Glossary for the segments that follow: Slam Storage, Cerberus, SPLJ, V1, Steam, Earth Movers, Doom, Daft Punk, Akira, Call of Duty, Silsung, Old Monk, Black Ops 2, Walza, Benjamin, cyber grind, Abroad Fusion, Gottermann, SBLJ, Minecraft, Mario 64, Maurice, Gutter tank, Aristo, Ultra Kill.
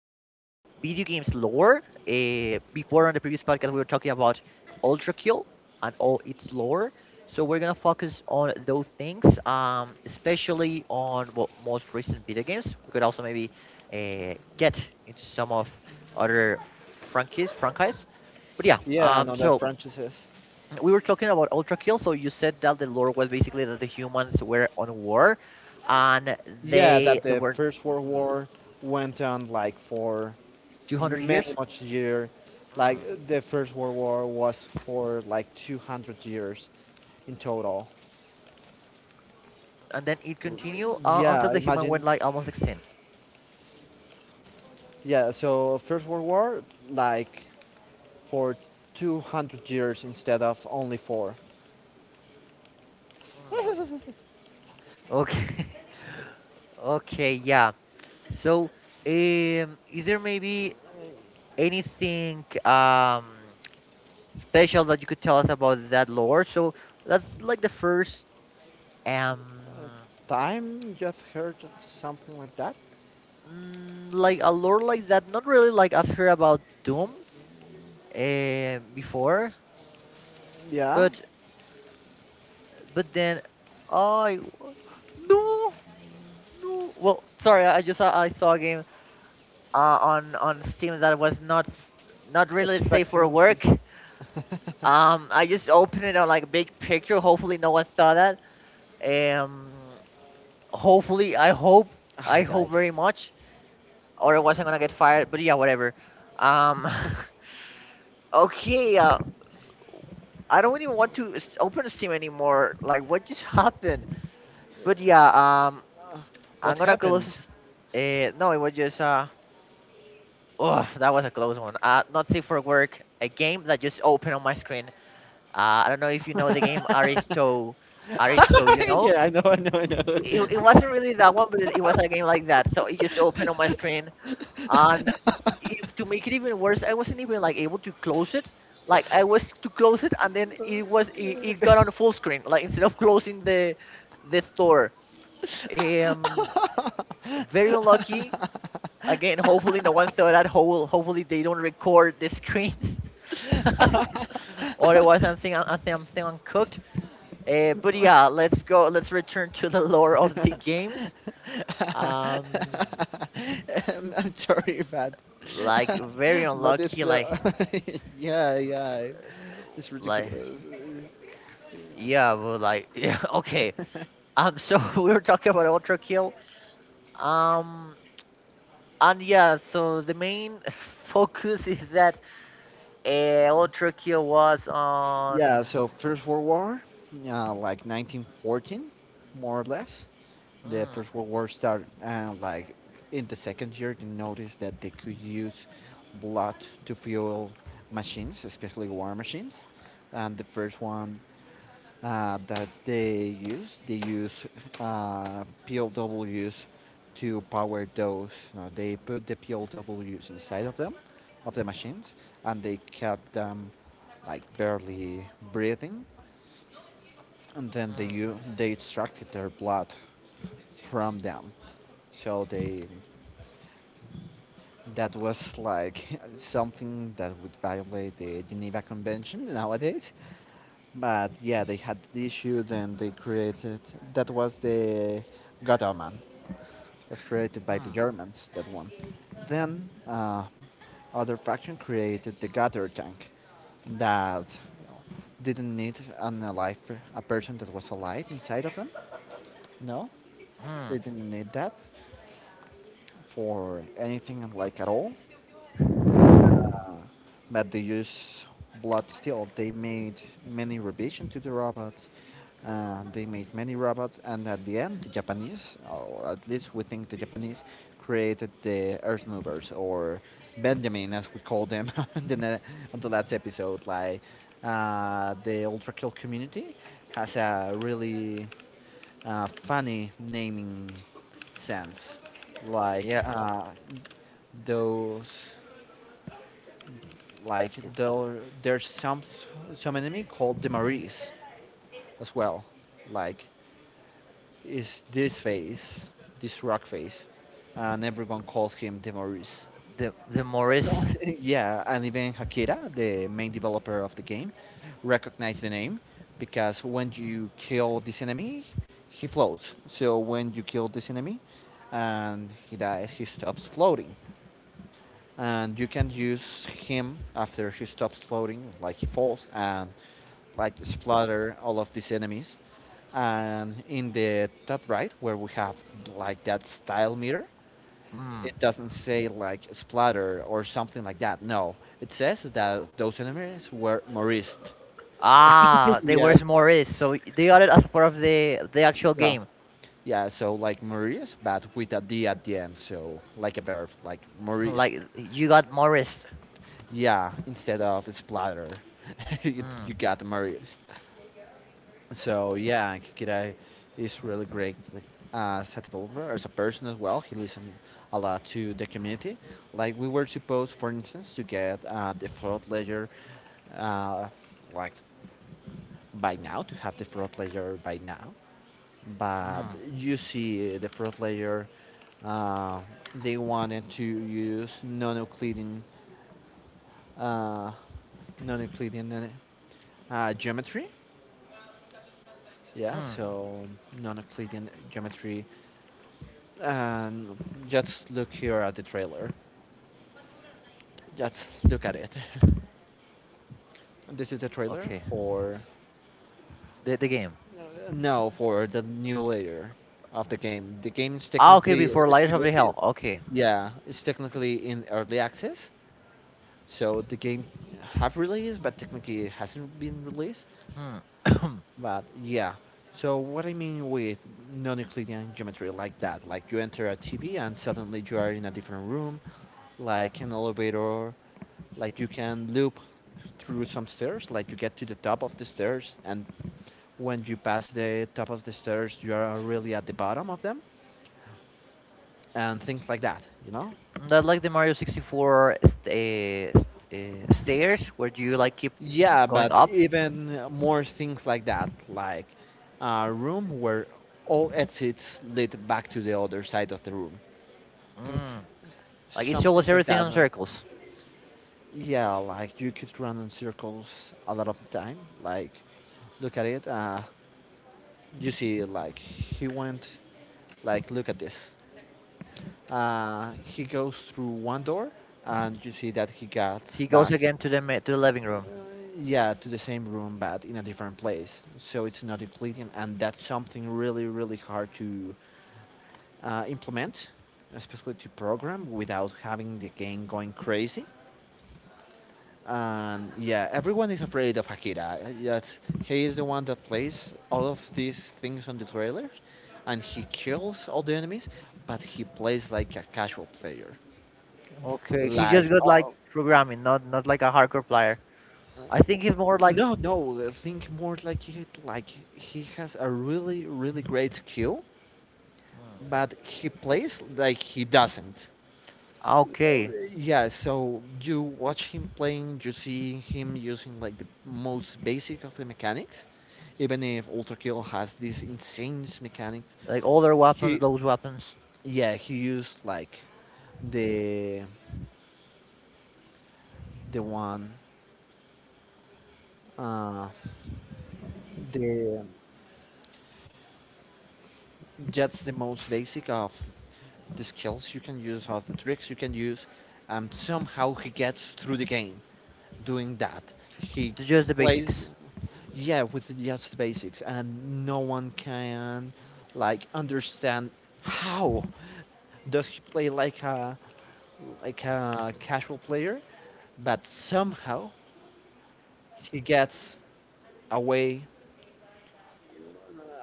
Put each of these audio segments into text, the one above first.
video games lore. Before on the previous podcast, we were talking about Ultra Kill and all its lore. So we're gonna focus on those things, especially on what most recent video games. We could also maybe get into some of other franchises, franchise. But yeah, Yeah, and other so franchises. we were talking about Ultra Kill. So you said that the lore was basically that the humans were on war, and Yeah, they that they the were, First World mhm, War went on like for 200 many years. much year Hmm. Like the First World War was for like 200 years in total. And then it continued until Yeah, the human imagine. went like almost extinct. Yeah, so First World War like for 200 years instead of only four. Hmm. Okay. Okay, yeah. So, is there maybe anything special that you could tell us about that lore? So that's like the first um Time you've heard of something like that? Like a lore like that. Not really, like I've heard about Doom before, Yeah, but then I, no, no. Well, sorry, I just, I saw a game on Steam that was not really safe for expecting to. work. I just opened it on like a big picture. Hopefully, no one saw that. Um, hopefully, I hope Ah, I I hope died. very much, or I wasn't gonna get fired. But yeah, whatever. Um, okay. I don't even want to open Steam anymore. Like, what just happened? But yeah. Um, I'm What gonna close. happened? No, it was just. Oh, that was a close one. Not safe for work. A game that just opened on my screen. I don't know if you know the game Aristo. Aristo, you know? Yeah, I know, I know, I know. It wasn't really that one, but it was a game like that. So it just opened on my screen. And if, to make it even worse, I wasn't even like able to close it. Like I was to close it, and then it got on full screen. Like instead of closing the store, um, very unlucky. Again, hopefully no one saw that. Hopefully they don't record the screens. Otherwise, I think I'm still uncooked. But yeah, let's go. Let's return to the lore of the games. Um, I'm sorry, but like very but it's unlucky. uh, Like, yeah, yeah, it's like ridiculous. yeah, but like yeah. Okay. So we were talking about Ultra Kill. Um, and yeah, so the main focus is that Ultra Kill was on. Yeah, so First World War, like 1914, more or less. The Mm, First World War started like in the second year. They noticed that they could use blood to fuel machines, especially war machines. And the first one that they use. They use PLWs to power those. They put the PLWs inside of them, of the machines, and they kept them like barely breathing. And then they mm, u- they extracted their blood from them. So they that was like something that would violate the Geneva Convention nowadays. But yeah, they had the issue. Then they created that was the Gottermann, was created by the mm, Germans. That one. Then other faction created the Gutter tank that didn't need an alive a person that was alive inside of them. No, they mm. didn't need that for anything like at all. But they use blood steel. They made many revisions to the robots. They made many robots, and at the end, the Japanese, or at least we think the Japanese, created the Earth Movers or Benjamin, as we call them, in on the last episode. Like the Ultra Kill community has a really funny naming sense, like Yeah, those like there's some enemy called the Maris as well. Like is this face, this rock face, and everyone calls him the Maris. the Morris. Yeah, and even Hakira, the main developer of the game, recognized the name because when you kill this enemy, he floats. So when you kill this enemy and he dies, he stops floating. And you can use him after he stops floating, like he falls, and like splatter all of these enemies. And in the top right, where we have like that style meter, Mm. it doesn't say like splatter or something like that. No, it says that those enemies were Maurice. Ah, they were Yes. Morris, so they got it as part of the actual Yeah. game. Yeah. So like Maurice, but with a D at the end. So like a verb, like Maurice. Like you got Morris. Yeah. Instead of splatter, Hmm. you got Maurice. So yeah, Kikira is really great as a developer, as a person as well. He listens a lot to the community. Like we were supposed, for instance, to get the fraud ledger, uh, like by now, to have the fraud ledger by now. But Hmm. you see, the fraud ledger, uh, they wanted to use uh, non-Euclidean geometry. Yeah, Hmm. so non-Euclidean geometry. And just look here at the trailer. Just look at it. This is the trailer Okay. for The game. no for the new layer of the game. The game is Ah, okay. technically Before it's Lights of still the Hell. Okay. yeah it's technically in early access. So the game have released, but technically it hasn't been released. Hmm. But yeah. So what I mean with non-Euclidean geometry like that, like you enter a TV and suddenly you are in a different room, like an elevator, like you can loop through some stairs, like you get to the top of the stairs, and when you pass the top of the stairs you are really at the bottom of them, and things like that, you know. That, like the Mario 64 uh, st- stairs where you like keep Yeah, going but up. even more things like that. Like a room where all exits lead back to the other side of the room. Things Mm. Like it Some shows things like everything that, on circles. yeah, like you could run in circles a lot of the time. Like look at it, you see like he went, like look at this. He goes through one door, and you see that he got He goes back, again to the to the living room. uh, yeah, to the same room but in a different place. So it's not Euclidean, and that's something really, really hard to implement, especially to program without having the game going crazy. And yeah, everyone is afraid of Akira. Yes, he is the one that plays all of these things on the trailers, and he kills all the enemies, but he plays like a casual player. Okay, he Like, just got like oh, programming, not like a hardcore player. I think he's more like. no, no. Think more like he has a really, really great skill, Mm. but he plays like he doesn't. Okay, Yeah. So you watch him playing, you see him using like the most basic of the mechanics, even if Ultra Kill has these insane mechanics. like older weapons, He, those weapons, yeah, he used like the the one, uh, the that's the most basic of the skills you can use, of the tricks you can use, and somehow he gets through the game doing that. Just the plays, basics. yeah, with just the basics, and no one can like understand how does he play like a casual player, but somehow he gets away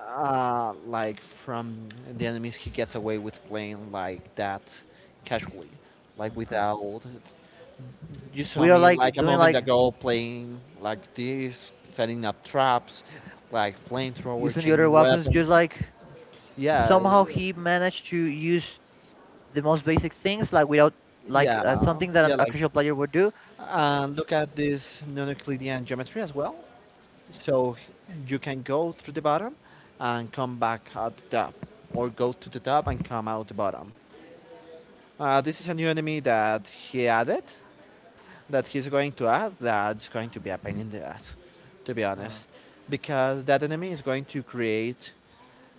like from the enemies, he gets away with playing like that casually, like Mm-mm. without, you saw We are me like like a doing moment like ago playing like this, setting up traps like flamethrower, using the other changing weapons, just weapons. like yeah somehow he managed to use the most basic things, like without like something that yeah, a like casual player would do. Look at this non-euclidean geometry as well. So you can go through the bottom and come back at the top, or go to the top and come out the bottom. This is a new enemy that he added, that he's going to add, that's going to be a pain in the ass, to be Mm, honest. Because that enemy is going to create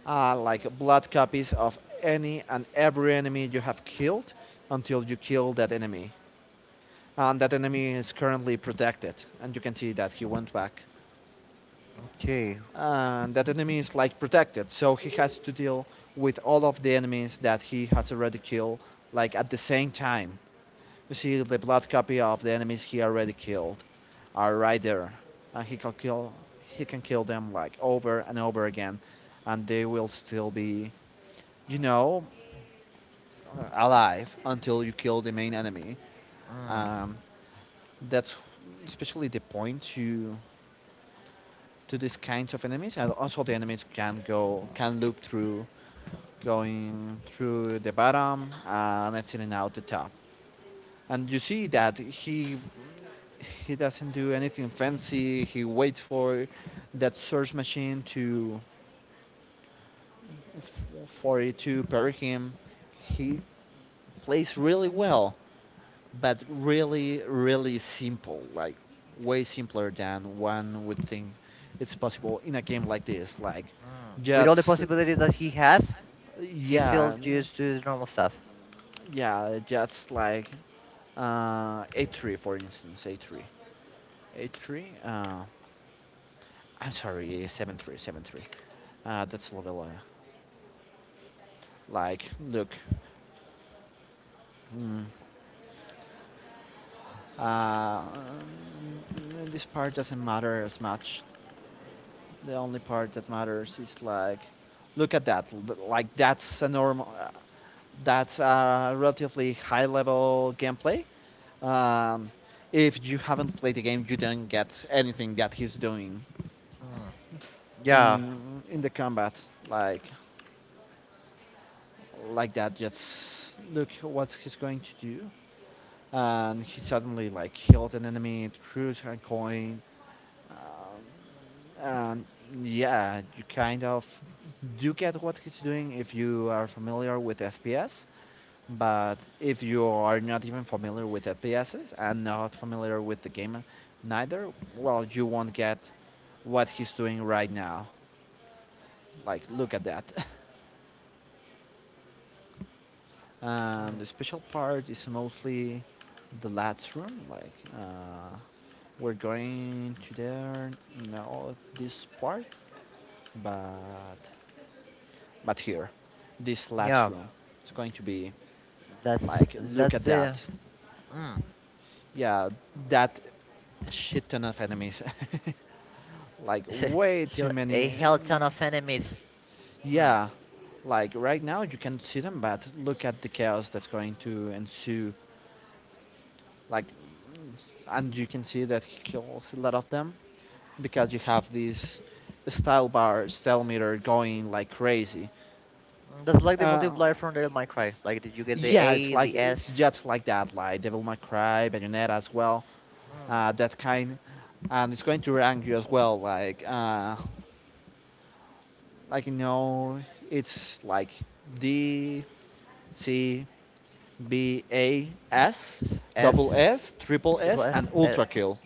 like blood copies of any and every enemy you have killed until you kill that enemy. And that enemy is currently protected, and you can see that he went back. okay. And that enemy is like protected, so he has to deal with all of the enemies that he has already killed, like at the same time. You see the blood copy of the enemies he already killed are right there, and he can kill them like over and over again, and they will still be, you know, alive until you kill the main enemy. Mm, Um, that's especially the point to these kinds of enemies, and also the enemies can go can loop through, going through the bottom and exiting out the top. And you see that he doesn't do anything fancy. He waits for that search machine to for it to parry him. He plays really well, but really, really simple. Like way simpler than one would think it's possible in a game like this. Like mm. With all the just possibilities that he has, he still yeah, used to his normal stuff. yeah, just like uh, A3 for instance, A3, A3. I'm sorry, 7-3. That's Lavella. Like, look, uh, mm, this part doesn't matter as much. The only part that matters is like, look at that. Like that's a normal, that's a relatively high level gameplay. Um, if you haven't played the game, you don't get anything that he's doing Mm, yeah. In the combat. Like like that. Just look what he's going to do. And he suddenly like killed an enemy, threw a coin. Um, yeah, you kind of do get what he's doing if you are familiar with FPS, but if you are not even familiar with FPSs and not familiar with the game neither, well, you won't get what he's doing right now. Like, look at that. And Mm, the special part is mostly the lads room. Like, we're going to there, no, this part, but But here, this last yeah. room, it's going to be like, look That's at The. that. Mm. Yeah, that shit ton of enemies. Like, way he, too a many. hell ton of enemies. Hmm. Yeah, like right now you can see them, but look at the chaos that's going to ensue. Like, and you can see that he kills a lot of them because you have these style bar, style meter going like crazy. Mm, that's like the Uh, multiplier from the Minecraft. Like, did you get the yeah, it's A, like the it's S, just like that, like Devil May Cry, Bayonetta as well. mm. Uh, that kind, and it's going to rank you as well. Like you know, it's like D, C, B, A, S, S, double S, S, triple triple S, S? and ultra kill.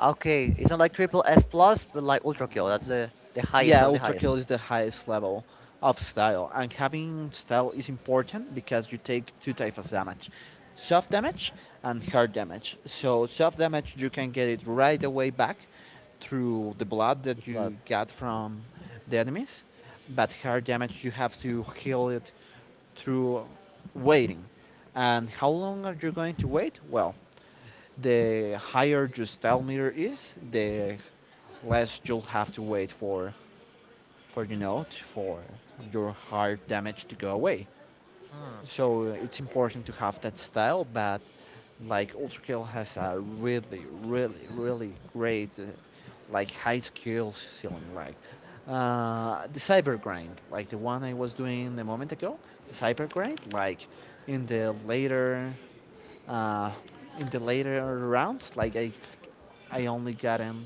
Okay, it's not like triple S plus, but like ultra kill. That's the highest Yeah, of the ultra highest. kill is the highest level of style, and having style is important because you take two types of damage: soft damage and hard damage. So soft damage you can get it right away back through the blood The that blood. you got from the enemies, but hard damage you have to heal it through waiting. And how long are you going to wait? Well, the higher your style meter is, the less you'll have to wait for for your hard damage to go away. Hmm. So it's important to have that style, but like Ultra Kill has a really, really, really great, like high skill ceiling. Like the cyber grind, like the one I was doing a moment ago, the cyber grind, like in the later, uh, in the later rounds, like I only gotten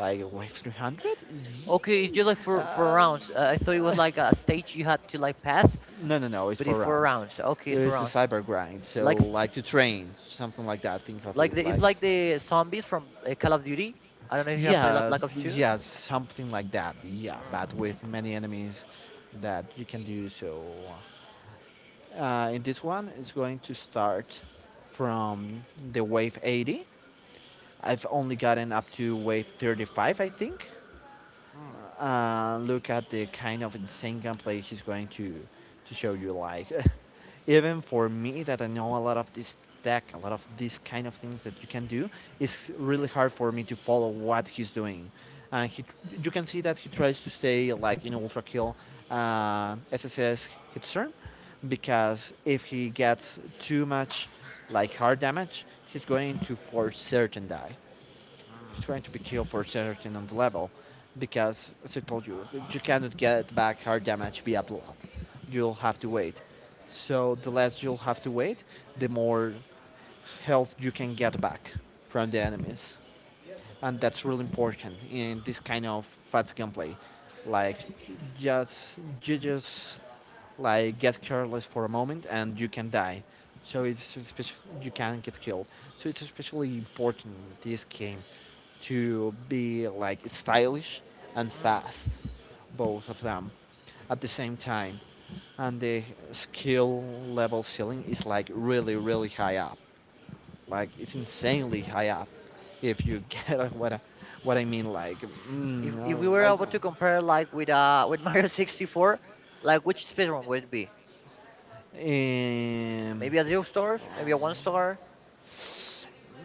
like wave 300. Okay, it's just like for rounds. I thought it was like a stage you had to like pass, No, no, no. It's but four it's for rounds. rounds. Okay, it's for It's the rounds. cyber grind. So Like like to train, something like that. Think of like it it's like, like the zombies from Call of Duty. I don't know if you have played like Yeah, Black Ops 2. yeah, something like that. Yeah, Mm. but with many enemies that you can do. So in this one, it's going to start from the wave 80. I've only gotten up to wave 35, I think. Mm. Look at the kind of insane gameplay he's going to show you. Like, even for me, that I know a lot of this deck, a lot of these kind of things that you can do, it's really hard for me to follow what he's doing. And he, you can see that he tries to stay like in ultra kill SSS hit turn, because if he gets too much like hard damage, he's going to for certain die. It's Mm. going to be killed for certain on the level, because as I told you, you cannot get back hard damage via blood. You'll have to wait. So the less you'll have to wait, the more health you can get back from the enemies, and that's really important in this kind of fast gameplay. Like, just you just like get careless for a moment and you can die. So it's you can get killed. So it's especially important in this game to be like stylish and Mm. fast, both of them, at the same time. And the skill level ceiling is like really really high up. Like it's insanely high up, if you get what I mean. Like, mm, If uh, we were like um, able to compare like with with Mario 64, like which speedrun would it be? Maybe a zero stars, maybe a one star,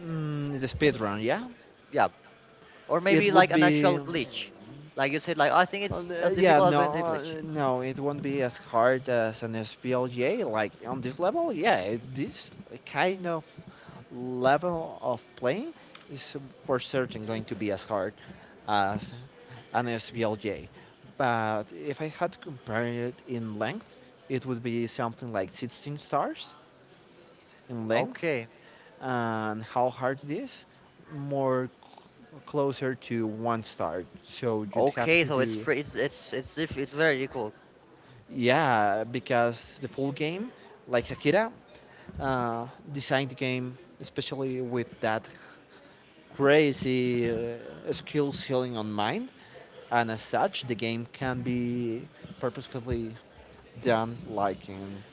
the speed run, yeah. yeah, or It maybe like would an be, actual glitch, like you said, like, "Oh, I think it's as yeah, difficult as doing the glitch." No, it won't be as hard as an SPLJ. Like on this level, yeah, it, this kind of level of play is for certain going to be as hard as an SBLJ. But if I had to compare it in length, it would be something like 16 stars in length, Okay, and how hard it is, more closer to one star. So you'd have okay, to so do, it's very equal. yeah, because the full game, like Akira, designed the game especially with that crazy skill ceiling on mine, and as such, the game can be purposefully done like in,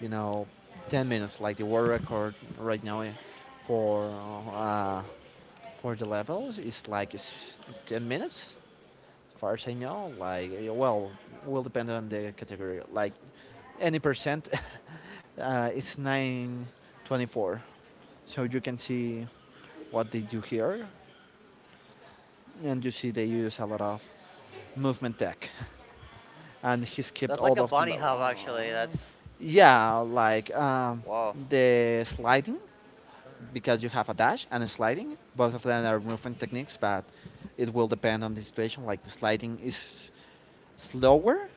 you know, 10 minutes. Like the world record right now eh, for uh, for the level is like 10 minutes. As far as I know, like eh, well, will depend on the category. Like any percent, it's 924. So you can see what they do here and you see they use a lot of movement tech, and he's kept That's like all a of the bunny level. hub, actually. That's Yeah, Wow. the sliding, Hmm. because you have a dash and a sliding. Both of them are movement techniques, but it will depend on the situation. Like the sliding is slower,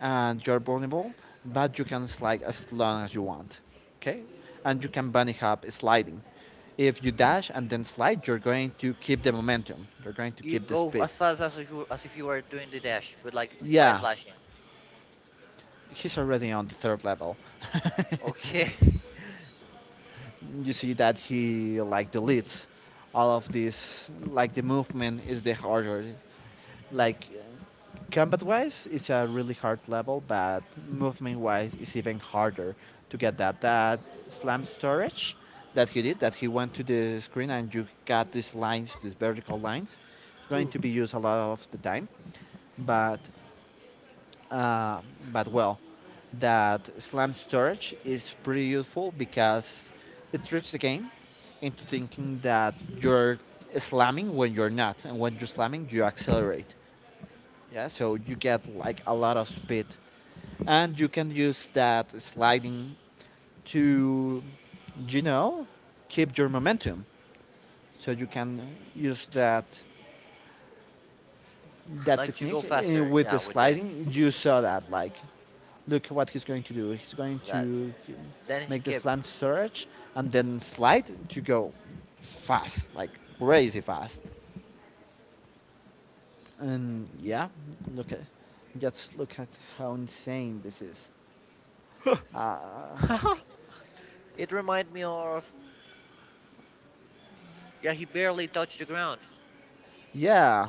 and you're vulnerable, but you can slide as long as you want. Okay, and you can bunny hop sliding. If you dash and then slide, you're going to keep the momentum. You're going to You keep the go speed. as fast as if you were doing the dash, but like by Yeah, slashing. he's already on the third level. Okay, You see that he like deletes all of this. Like the movement is the harder. Like combat wise, it's a really hard level, but movement wise, it's even harder to get that. Slam storage that he did, that he went to the screen and you got these lines, these vertical lines, it's going to be used a lot of the time. But uh, well, that Slam Storage is pretty useful because it tricks the game into thinking that you're slamming when you're not, and when you're slamming, you accelerate. Yeah, so you get like a lot of speed, and you can use that sliding to, you know, keep your momentum. So you can use that like to go technique faster, with yeah, the with the sliding. You saw that like look what he's going to do. He's going that. to Then he make the kept. slam surge and then slide to go fast, like crazy fast. And yeah, look at just look at how insane this is. Uh, It reminded me of, yeah, he barely touched the ground. yeah,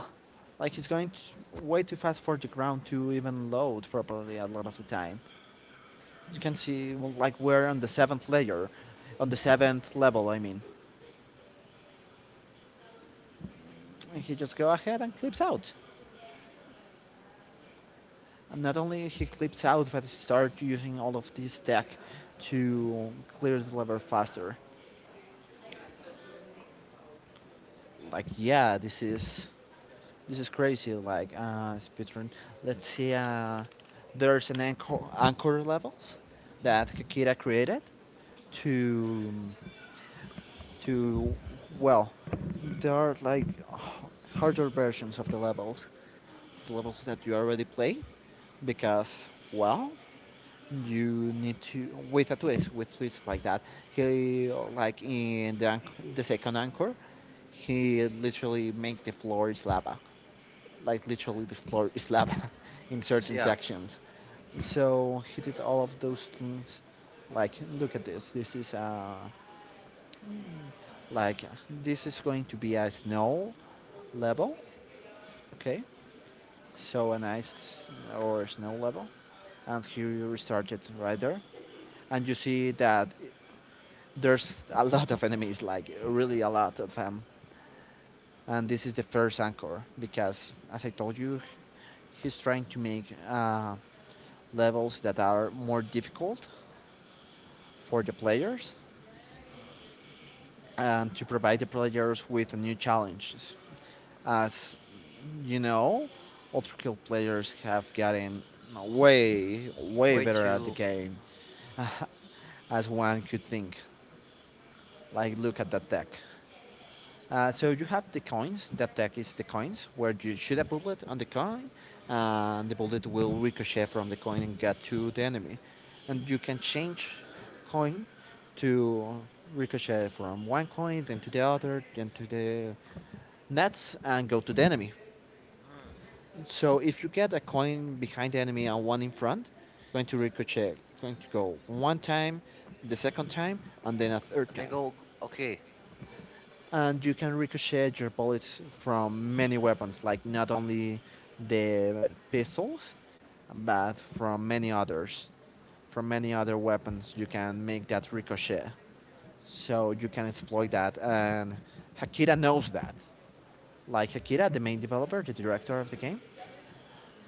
like he's going t way too fast for the ground to even load properly a lot of the time. You can see well, like we're on the seventh layer, on the seventh level, I mean. And he just go ahead and clips out. And not only he clips out, but he starts using all of this tech to clear the level faster. Like, yeah, this is crazy. Like, speedrun. Let's see. There's an anchor, anchor levels that Kakira created to to well, there are like harder versions of the levels that you already play, because well, you need to with a twist with twists like that. He like in the, anch- The second anchor, he literally make the floor is lava, like literally the floor is lava in So certain yeah, sections. So he did all of those things, like look at this, this is like this is going to be a snow level. Okay, so a nice or snow level. And he restarted right there, and you see that there's a lot of enemies, like really a lot of them. And this is the first anchor because, as I told you, he's trying to make levels that are more difficult for the players and to provide the players with new challenges. As you know, Ultra Kill players have gotten way, way way better at the to game as one could think. Like, look at that deck. So you have the coins. The attack is the coins, where you shoot a bullet on the coin, and the bullet will ricochet from the coin and get to the enemy. And you can change coin to ricochet from one coin, then to the other, then to the nets, and go to the enemy. mm, So if you get a coin behind the enemy and one in front, going to ricochet, going to go one time, the second time, and then a third and then time. go okay. And you can ricochet your bullets from many weapons, like not only the pistols, but from many others. From many other weapons, you can make that ricochet. So you can exploit that, and Hakira knows that. Like Hakira, the main developer, the director of the game.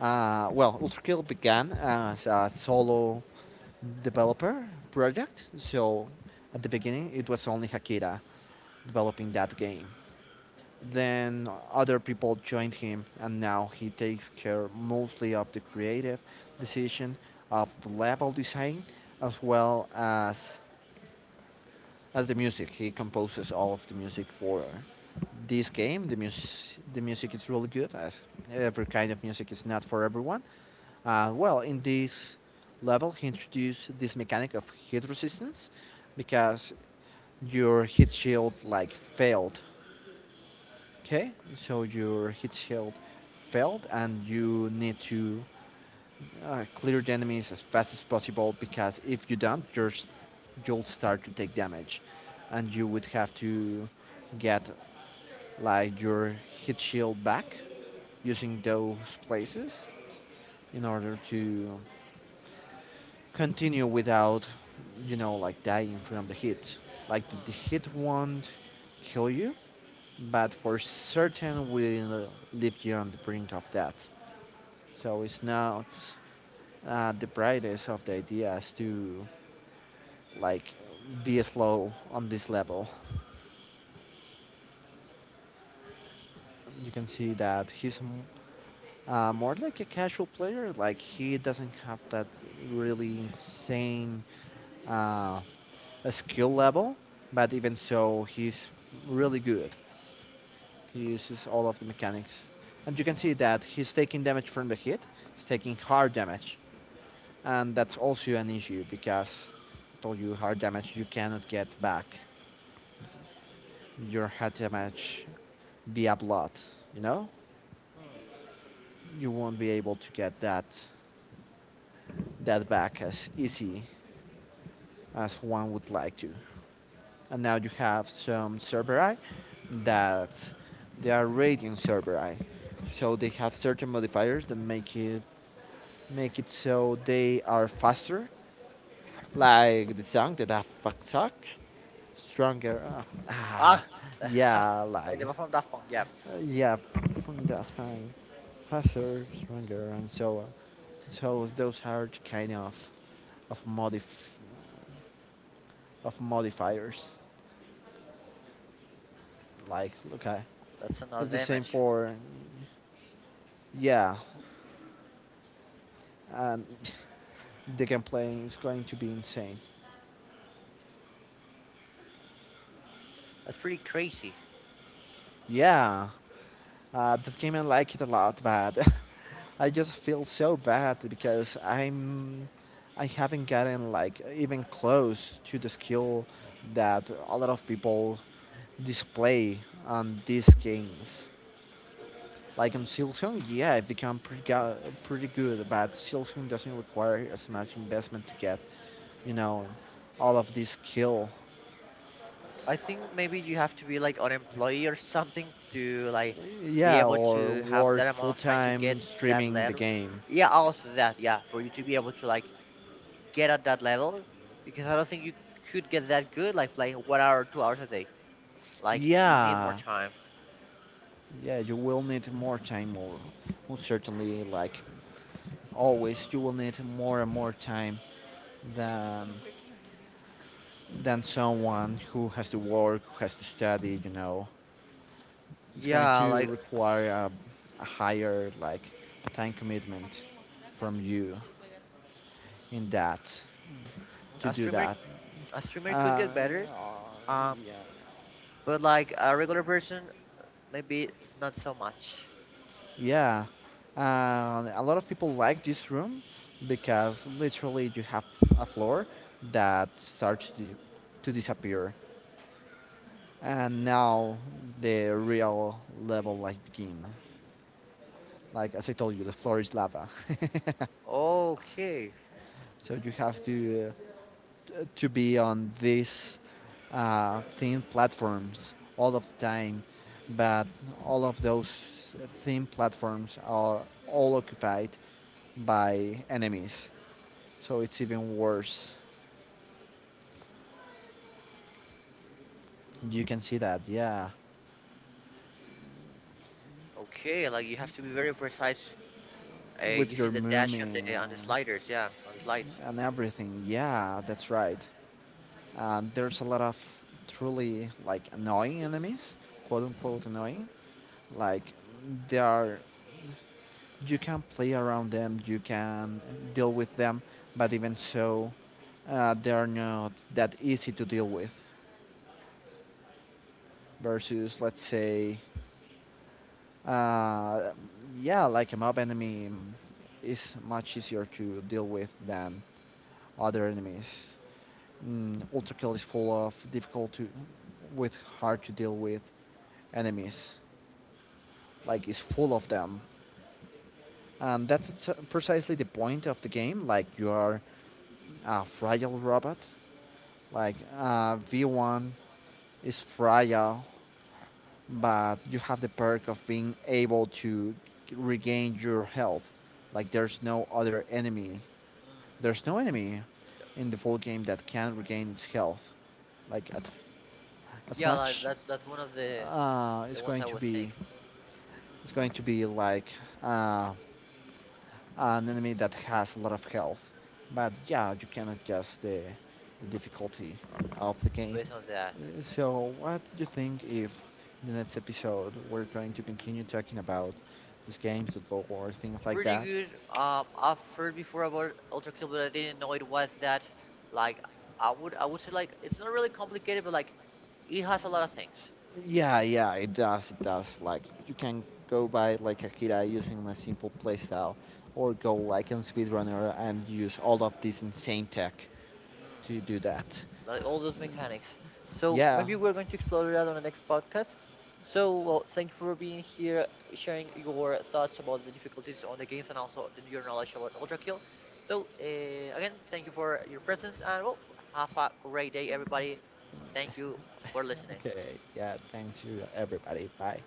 Well, Ultra Kill began as a solo developer project, so at the beginning it was only Hakira developing that game, then other people joined him, and now he takes care mostly of the creative decision, of the level design, as well as the music. He composes all of the music for this game. The music is really good. As every kind of music is not for everyone. Well, in this level, he introduced this mechanic of hit resistance because your hit shield like failed. Okay, so your hit shield failed, and you need to clear the enemies as fast as possible, because if you don't, you'll start to take damage, and you would have to get like your hit shield back using those places in order to continue without, you know, like dying from the hit. Like the Hmm, hit won't kill you, but for certain we live beyond the brink of that. So it's not the brightest of the ideas to like be slow on this level. You can see that he's more like a casual player. Like he doesn't have that really insane uh, skill level, but even so, he's really good. He uses all of the mechanics. And you can see that he's taking damage from the hit, he's taking hard damage. And that's also an issue because I told you hard damage you cannot get back. Your hard damage via blood, you know? hmm. You won't be able to get that back as easy as one would like to. And now you have some Cerberi that they are radiant Cerberi. So they have certain modifiers that make it so they are faster, like the song, the Daft Punk song, stronger. Ah, Ah, yeah, like the like one from Daft Punk. Yeah, yeah, from Daft Punk, faster, stronger, and so on. So those are kind of modif of modifiers. Like okay, that's it's another the same image. for yeah, and the gameplay is going to be insane. That's pretty crazy. Yeah. That game I like it a lot, but I just feel so bad because I'm I haven't gotten like even close to the skill that a lot of people display on these games. Like on Silsung, yeah, I've become pretty go- pretty good, but Silsung doesn't require as much investment to get, you know, all of this skill. I think maybe you have to be like an employee or something to like be Yeah, able to or have work that full amount of time to time get in that streaming the letter. game. Yeah, also that. Yeah, for you to be able to like get at that level because I don't think you could get that good like playing one hour, 2 hours a day. Like you need more Yeah, time. Yeah, you will need more time, or most certainly, like always, you will need more and more time than someone who has to work, who has to study. You know, it's going Yeah, to like require a higher like time commitment from you in that to a do streamer, that. a streamer could Uh, get better. Um, yeah, but like a regular person, maybe not so much. Yeah, a lot of people like this room because literally you have a floor that starts to disappear, and now the real level like begin. Like as I told you, the floor is lava, Okay. so you have to be on these thin platforms all of the time, but all of those thin platforms are all occupied by enemies. So it's even worse. You can Hmm. see that, yeah. Okay, like you have to be very precise With using your the dash on movement the sliders. Yeah, on the slides. and everything, yeah, that's right. There's a lot of truly like annoying enemies, quote unquote annoying. Like they are, you can play around them, you can deal with them, but even so, they are not that easy to deal with. Versus, let's say, Uh, yeah, like a mob enemy is much easier to deal with than other enemies. Ultra Kill is full of with hard to deal with enemies. Like it's full of them, and that's precisely the point of the game. Like you are a fragile robot. Like V1 is fragile but you have the perk of being able to regain your health. Like there's no other enemy. Mm. There's no enemy Yeah, in the full game that can regain its health. Like at, as yeah, like much, that's one of the uh, the it's ones going I to would think. be, it's going Hmm. to be like uh, an enemy that has a lot of health. But yeah, you can adjust the difficulty of the game. Based on that, So, what do you think if in the next episode we're going to continue talking about these games, the board war, things like pretty that? good. I've heard before about Ultra Kill, but I didn't know it was that. Like, I would say like it's not really complicated, but like it has a lot of things, Yeah, yeah, it does. It does. Like you can go by like Akira using a simple playstyle, or go like in speedrunner and use all of this insane tech hmm, to do that. like all those mechanics. So Yeah. maybe we're going to explore that on the next podcast. So well, thank you for being here, sharing your thoughts about the difficulties on the games and also your knowledge about Ultra Kill. So again, thank you for your presence and well, have a great day, everybody. Thank you for listening. Okay. Yeah. Thanks you, everybody. Bye.